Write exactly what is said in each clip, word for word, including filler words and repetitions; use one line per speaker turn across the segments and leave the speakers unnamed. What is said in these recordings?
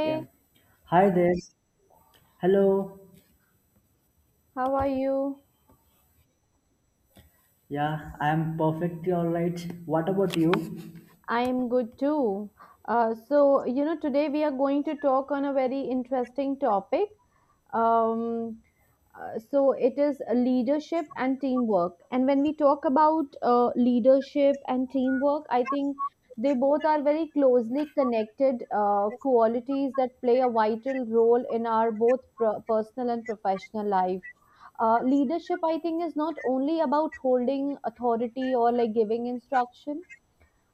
Yeah. Hi there. Hello.
how are you?
Yeah, I am perfectly all right. What about you?
I'm good too. Uh, so, you know, today we are going to talk on a very interesting topic. Um, uh, so, it is leadership and teamwork. And when we talk about uh, leadership and teamwork, I think they both are very closely connected uh, qualities that play a vital role in our both pro- personal and professional life. Uh, leadership, I think, is not only about holding authority or like giving instruction.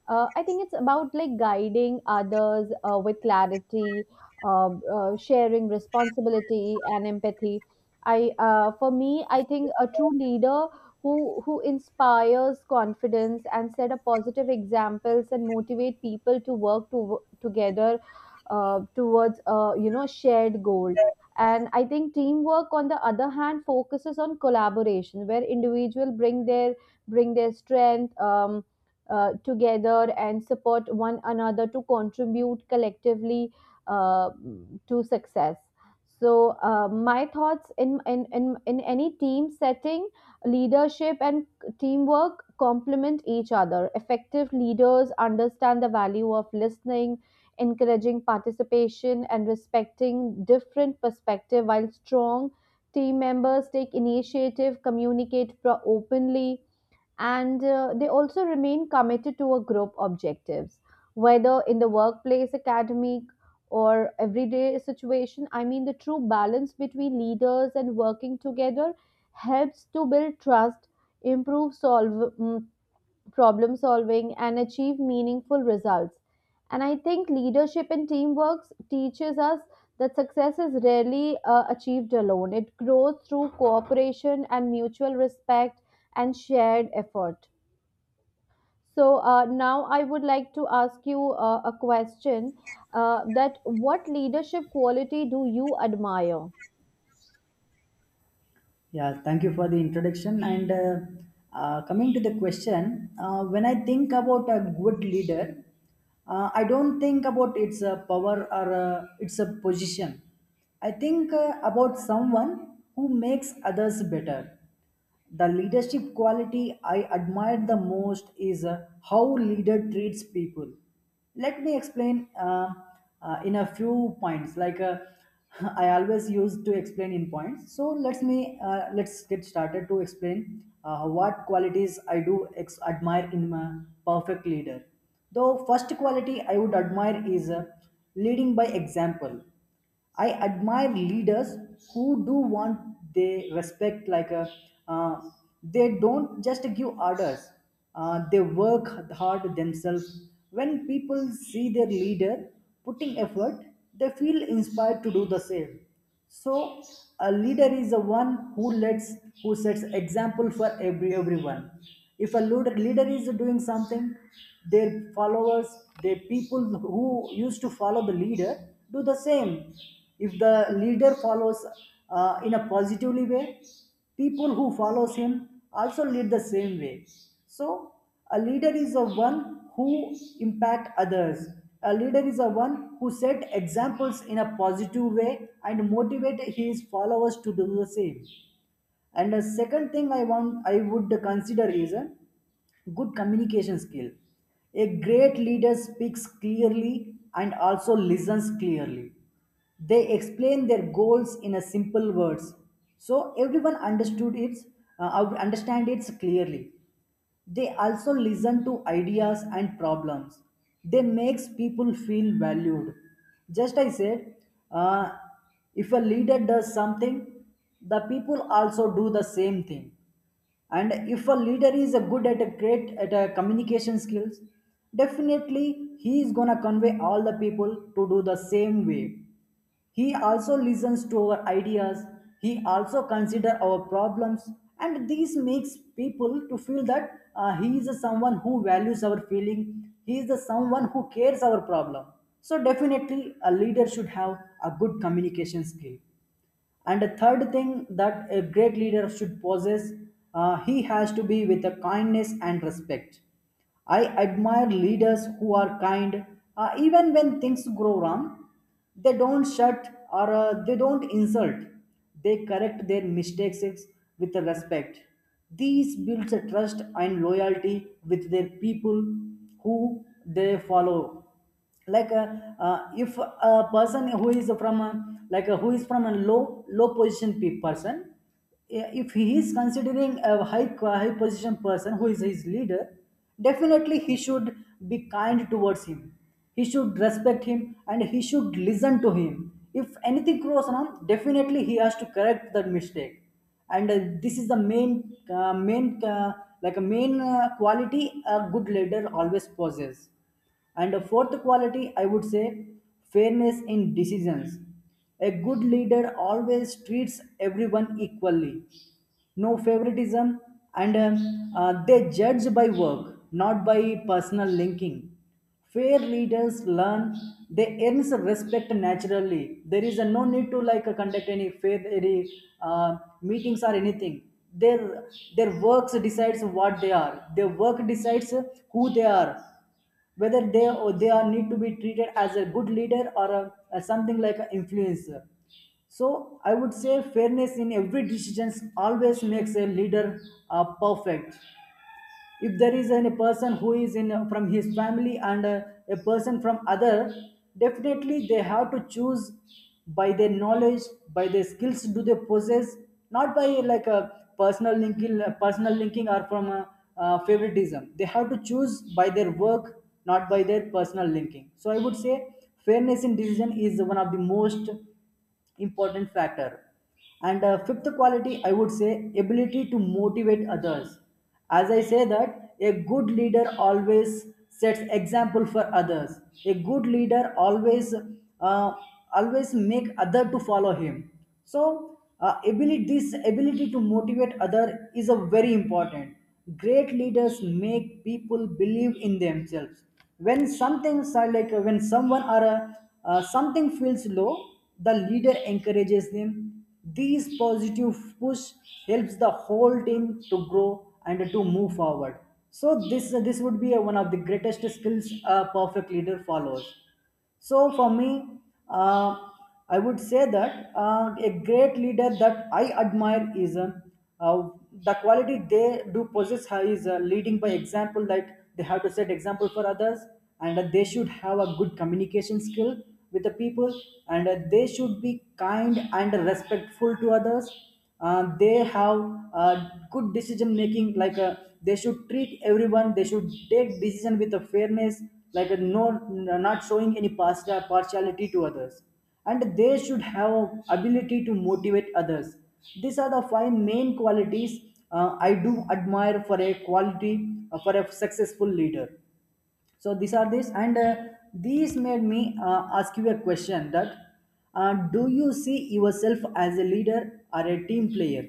uh, I think it's about like guiding others uh, with clarity, uh, uh, sharing responsibility and empathy. I uh, For me, I think a true leader who who inspires confidence and set a positive examples and motivate people to work to, together uh, towards uh, you know shared goals. And I think teamwork, on the other hand, focuses on collaboration, where individual bring their bring their strength. Um, uh, together and support one another to contribute collectively uh, to success. So, uh, my thoughts, in, in, in, in any team setting, leadership and teamwork complement each other. Effective leaders understand the value of listening, encouraging participation, and respecting different perspective, while strong team members take initiative, communicate pro- openly, and uh, they also remain committed to a group objectives, whether in the workplace, academic, or everyday situation. I mean, the true balance between leaders and working together helps to build trust, improve solve mm, problem solving, and achieve meaningful results. And I think leadership and teamwork teaches us that success is rarely uh, achieved alone. It grows through cooperation and mutual respect and shared effort. So uh, now I would like to ask you uh, a question, uh, that what leadership quality do you admire?
Yeah, thank you for the introduction. And uh, uh, coming to the question, uh, when I think about a good leader, uh, I don't think about its uh, power, or uh, its a position. I think uh, about someone who makes others better. The leadership quality I admire the most is uh, how leader treats people. Let me explain uh, uh, in a few points. Like uh, I always used to explain in points. So let's me uh, let's get started to explain uh, what qualities I do ex- admire in a perfect leader. The first quality I would admire is uh, leading by example. I admire leaders who do want they respect like a uh, they don't just give orders. Uh, they work hard themselves. When people see their leader putting effort, they feel inspired to do the same. So a leader is the one who lets, who sets example for every everyone. If a leader, leader is doing something, their followers, their people who used to follow the leader do the same. If the leader follows uh, in a positively way, people who follows him also lead the same way. So a leader is a one who impact others. A leader is a one who set examples in a positive way and motivate his followers to do the same. And the second thing i want i would consider is a good communication skill. A great leader speaks clearly and also listens clearly. They explain their goals in a simple words, so everyone understood it uh, understand it clearly. They also listen to ideas and problems. They makes people feel valued. Just I said, uh, if a leader does something, the people also do the same thing. And if a leader is a good at a great at a communication skills, definitely he is going to convey all the people to do the same way. He also listens to our ideas, he also consider our problems, and this makes people to feel that uh, he is a someone who values our feeling, he is the someone who cares our problem. So definitely a leader should have a good communication skill. And the third thing that a great leader should possess, uh, he has to be with a kindness and respect. I admire leaders who are kind, uh, even when things go wrong. They don't shut, or uh, they don't insult. They correct their mistakes with respect. These builds a trust and loyalty with their people who they follow, like uh, uh, if a person who is from a, like a, who is from a low low position pe- person, i- if he is considering a high high position person who is his leader, definitely he should be kind towards him, he should respect him, and he should listen to him. If anything goes wrong, definitely he has to correct the mistake. And uh, this is the main uh, main uh, like a main uh, quality a good leader always possesses. And a fourth quality, I would say, fairness in decisions. A good leader always treats everyone equally, no favoritism, and um, uh, they judge by work, not by personal linking. Fair leaders learn they earn some respect naturally. There is a no need to like uh, conduct any fair any uh, meetings or anything. Their their works decides what they are. Their work decides who they are, whether they or they are need to be treated as a good leader or a, a something like an influencer. So I would say fairness in every decisions always makes a leader uh, perfect. If there is any person who is in uh, from his family, and uh, a person from other, definitely they have to choose by their knowledge, by their skills do they possess, not by like a personal linking uh, personal linking or from a, uh, favoritism. They have to choose by their work, not by their personal linking. So I would say fairness in decision is one of the most important factor. And uh, fifth quality, I would say, ability to motivate others. As I say that, a good leader always sets example for others. A good leader always uh, always make other to follow him. So, uh, ability, this ability to motivate other is a very important. Great leaders make people believe in themselves. When something so like uh, when someone or a, uh, something feels low, the leader encourages them. These positive push helps the whole team to grow and to move forward. So this this would be uh, one of the greatest skills a perfect leader follows. So for me, uh, I would say that uh, a great leader that I admire is uh, uh, the quality they do possess ha- is uh, leading by example. That they have to set example for others, and uh, they should have a good communication skill with the people, and uh, they should be kind and respectful to others. Uh, they have uh, good decision making, like uh, they should treat everyone, they should take decision with a fairness, like a no not showing any partial partiality to others. And they should have ability to motivate others. These are the five main qualities uh, I do admire for a quality uh, for a successful leader. So these are this, and uh, these made me uh, ask you a question that uh, do you see yourself as a leader or a team player?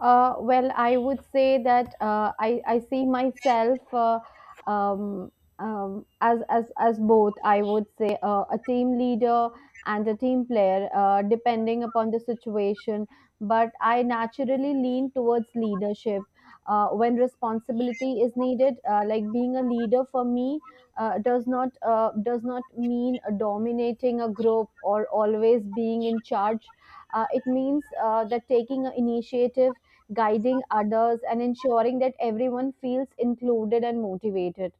Uh, well, I would say that uh, I I see myself, uh, um, um, as as as both. I would say uh, a team leader and a team player, uh, depending upon the situation. But I naturally lean towards leadership uh, when responsibility is needed. Uh, like being a leader, for me, uh, does not uh, does not mean dominating a group or always being in charge. Uh, it means uh, that taking an initiative, guiding others, and ensuring that everyone feels included and motivated.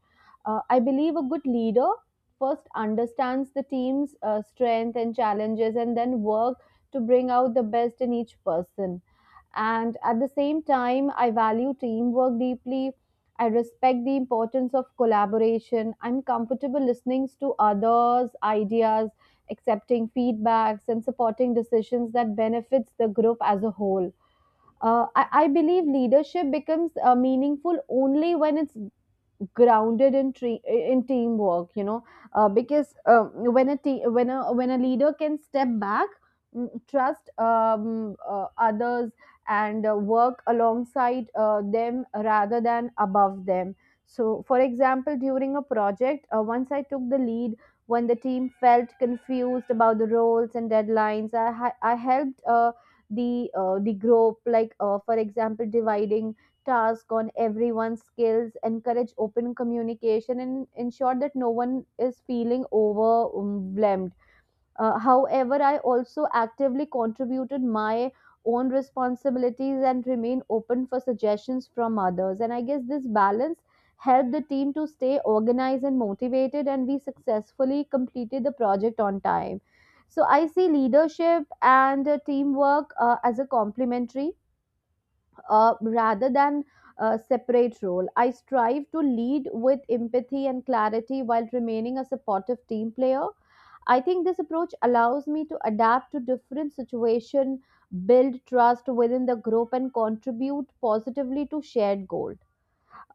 Uh, I believe a good leader first understands the team's uh, strength and challenges, and then work to bring out the best in each person. And at the same time, I value teamwork deeply. I respect the importance of collaboration. I'm comfortable listening to others' ideas, accepting feedbacks, and supporting decisions that benefits the group as a whole. Uh, I, I believe leadership becomes uh, meaningful only when it's grounded in tre- in teamwork, you know, uh, because, um, when a te- when a when a leader can step back, mm, trust um, uh, others and uh, work alongside uh, them rather than above them. So for example, during a project, uh, once I took the lead when the team felt confused about the roles and deadlines, i, ha- I helped uh, the uh, the group, like uh, for example, dividing task on everyone's skills, encourage open communication, and ensure that no one is feeling overwhelmed. Uh, however, I also actively contributed my own responsibilities and remain open for suggestions from others. And I guess this balance helped the team to stay organized and motivated, and we successfully completed the project on time. So I see leadership and uh, teamwork uh, as a complementary uh, rather than a separate role. I strive to lead with empathy and clarity while remaining a supportive team player. I think this approach allows me to adapt to different situation, build trust within the group, and contribute positively to shared goals.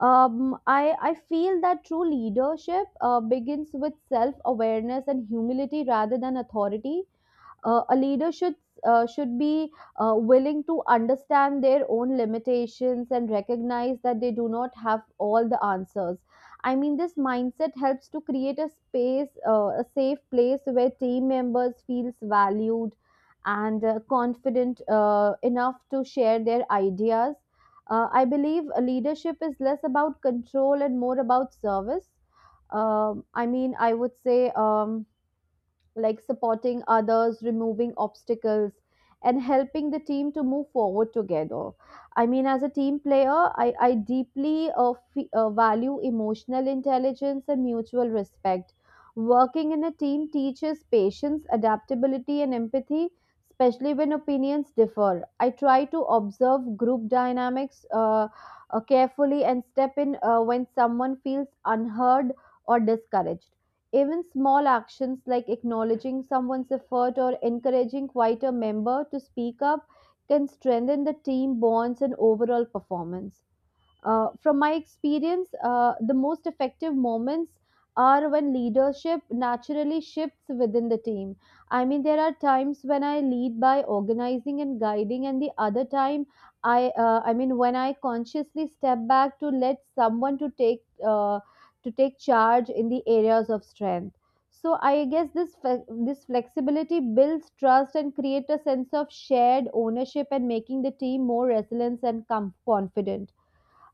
Um, I, I feel that true leadership uh, begins with self awareness and humility rather than authority. Uh, a leader should uh, should be uh, willing to understand their own limitations and recognize that they do not have all the answers. I mean, this mindset helps to create a space, uh, a safe place where team members feels valued and uh, confident uh, enough to share their ideas. uh, I believe uh, leadership is less about control and more about service. Um, i mean i would say, um, like, supporting others, removing obstacles, and helping the team to move forward together. I mean, as a team player, I, I deeply uh, fe- uh, value emotional intelligence and mutual respect. Working in a team teaches patience, adaptability, and empathy, especially when opinions differ. I try to observe group dynamics uh, uh, carefully and step in uh, when someone feels unheard or discouraged. Even small actions like acknowledging someone's effort or encouraging quieter member to speak up can strengthen the team bonds and overall performance. Uh, from my experience, uh, the most effective moments are when leadership naturally shifts within the team. I mean, there are times when I lead by organizing and guiding, and the other time, I uh, I mean, when I consciously step back to let someone to take uh, to take charge in the areas of strength. So I guess this fle- this flexibility builds trust and create a sense of shared ownership and making the team more resilient and com- confident.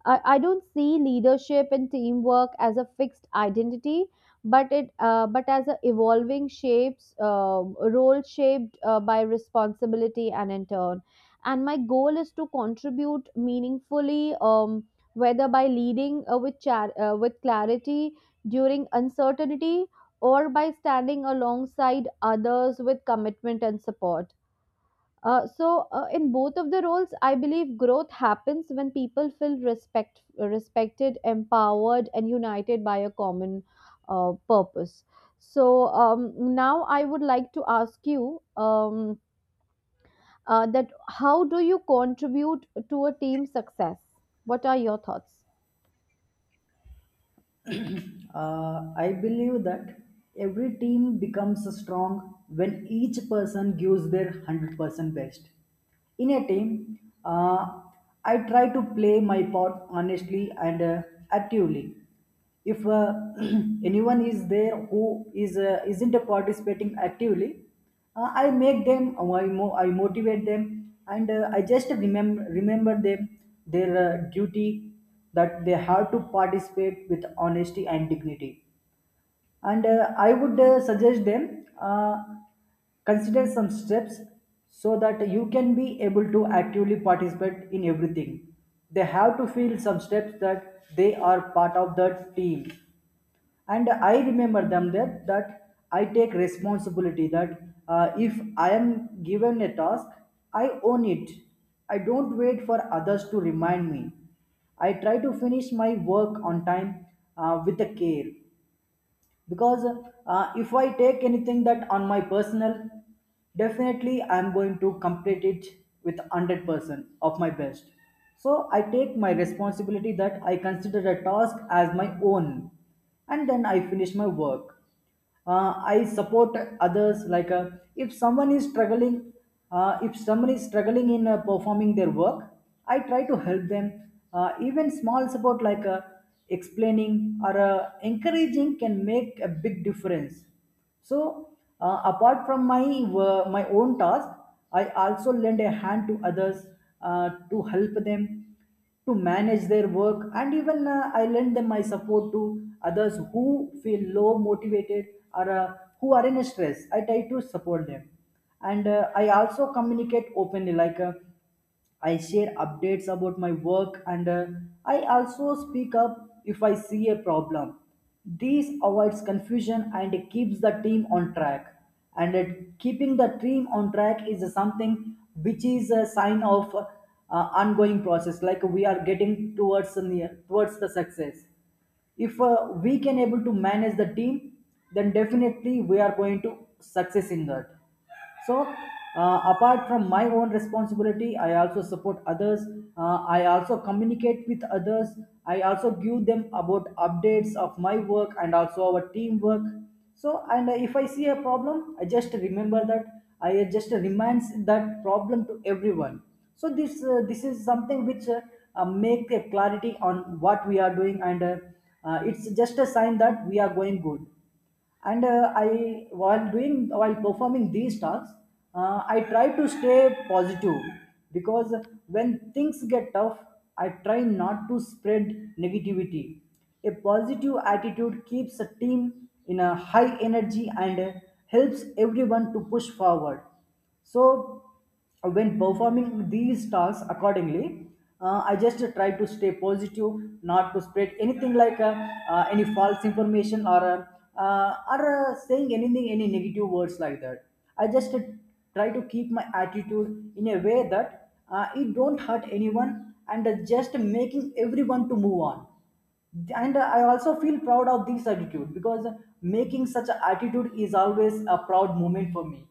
I, I don't see leadership and teamwork as a fixed identity, but it uh, but as a evolving shapes uh, role shaped uh, by responsibility and in turn. And my goal is to contribute meaningfully, um, whether by leading uh, with char- uh, with clarity during uncertainty, or by standing alongside others with commitment and support. Uh, so, uh, in both of the roles, I believe growth happens when people feel respect, respected, empowered, and united by a common uh, purpose. So, um, now I would like to ask you, um, uh, that how do you contribute to a team success? What are your thoughts?
Uh, I believe that every team becomes strong when each person gives their one hundred percent best. In a team, uh, I try to play my part honestly and uh, actively. If uh, anyone is there who is uh, isn't participating actively, uh, I make them, uh, I, mo- I motivate them, and uh, I just remember remember them their uh, duty, that they have to participate with honesty and dignity. And uh, I would uh, suggest them uh, consider some steps so that you can be able to actively participate in everything. They have to feel some steps that they are part of the team, and I remember them that that I take responsibility, that uh, if I am given a task, I own it. I don't wait for others to remind me. I try to finish my work on time, uh, with the care, because uh, if I take anything that on my personal, definitely I'm going to complete it with one hundred percent of my best. So I take my responsibility, that I consider a task as my own, and then I finish my work. uh, I support others, like uh, if someone is struggling uh, if someone is struggling in uh, performing their work, I try to help them. Uh, even small support, like uh, explaining or uh, encouraging, can make a big difference. So uh, apart from my uh, my own task, I also lend a hand to others uh, to help them to manage their work, and even uh, I lend them my support to others who feel low motivated, or uh, who are in stress, I try to support them. And uh, I also communicate openly, like uh, I share updates about my work, and uh, I also speak up if I see a problem. This avoids confusion and it keeps the team on track. And it, keeping the team on track is something which is a sign of uh, ongoing process. Like we are getting towards the near, towards the success. If uh, we can able to manage the team, then definitely we are going to success in that. So uh, apart from my own responsibility, I also support others, uh, I also communicate with others, I also give them about updates of my work and also our teamwork. So, and uh, if I see a problem, I just remember that, I just reminds that problem to everyone. So this uh, this is something which uh, uh, make a clarity on what we are doing, and uh, uh, it's just a sign that we are going good. And uh, I, while doing while performing these tasks, uh, I try to stay positive, because when things get tough, I try not to spread negativity. A positive attitude keeps a team in a high energy and uh, helps everyone to push forward. So when performing these tasks accordingly, uh, I just try to stay positive, not to spread anything, like uh, uh, any false information, or uh, uh, or uh, saying anything any negative words like that. I just try to keep my attitude in a way that uh, it don't hurt anyone, and uh, just making everyone to move on. And I also feel proud of this attitude because making such an attitude is always a proud moment for me.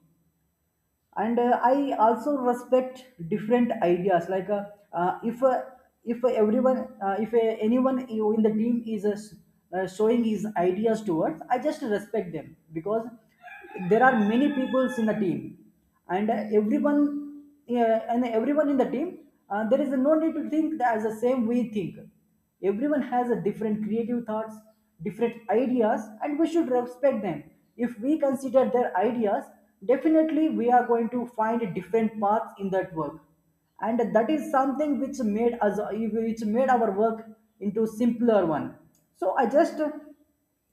And uh, I also respect different ideas, like uh, uh, if uh, if everyone uh, if uh, anyone in the team is uh, s- uh, showing his ideas towards, I just respect them, because there are many peoples in the team, and uh, everyone, yeah, and everyone in the team, uh, there is no need to think that as the same we think. Everyone has a different creative thoughts, different ideas, and we should respect them. If we consider their ideas, definitely we are going to find different paths in that work, and that is something which made us which made our work into simpler one. So i just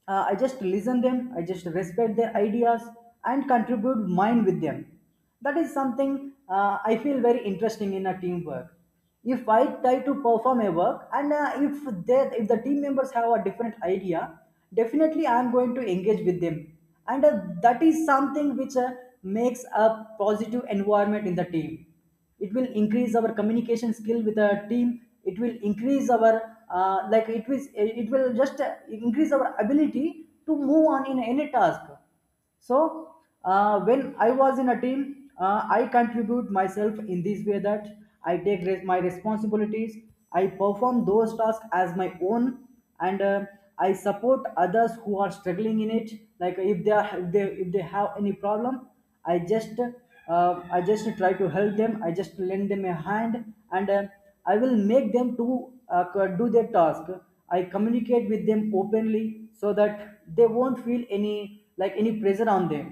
uh, I just listen them, I just respect their ideas and contribute mine with them. That is something uh, I feel very interesting in a teamwork. If I try to perform a work, and uh, if they, if the team members have a different idea, definitely I am going to engage with them. And uh, that is something which uh, makes a positive environment in the team. It will increase our communication skill with our team, it will increase our uh, like it will it will just uh, increase our ability to move on in any task. So uh, when I was in a team, uh, I contribute myself in this way, that I take res- my responsibilities. I perform those tasks as my own, and uh, I support others who are struggling in it, like if they are if they, if they have any problem, i just uh, I just try to help them, I just lend them a hand. And uh, I will make them to uh, c- do their task. I communicate with them openly so that they won't feel any, like, any pressure on them.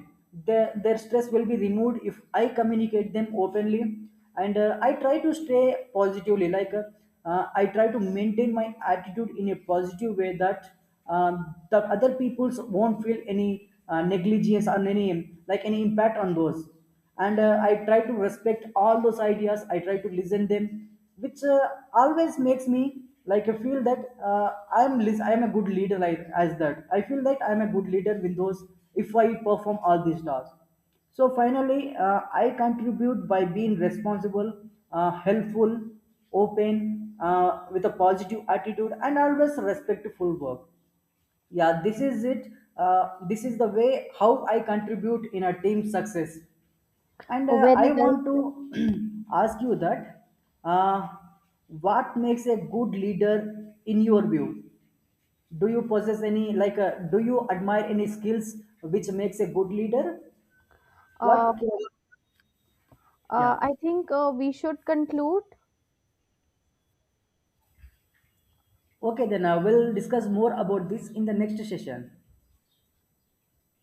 Their, their stress will be removed if I communicate them openly, and uh, I try to stay positively, like uh, uh, I try to maintain my attitude in a positive way that um, the other peoples won't feel any uh, negligence, or any, like, any impact on those. And uh, I try to respect all those ideas, I try to listen them, which uh, always makes me, like, I feel that uh, I am lis- I am a good leader. Like, as that I feel that I am a good leader with those, if I perform all these tasks. So finally, uh, I contribute by being responsible, uh, helpful, open, uh, with a positive attitude, and always respectful work. Yeah, this is it. Uh, this is the way how I contribute in a team success. And
Oh,
uh,
very
I
well.
want to ask you that, uh, what makes a good leader in your view? Do you possess any like? Uh, do you admire any skills which makes a good leader?
Uh,
What? uh,
uh,
Yeah.
I think uh, we should conclude.
Okay, then uh, we'll discuss more about this in the next session.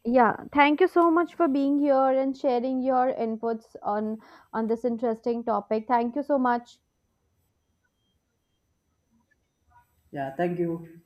Yeah, thank you so much for being here and sharing your inputs on on this interesting topic. Thank you so much.
Yeah, thank you.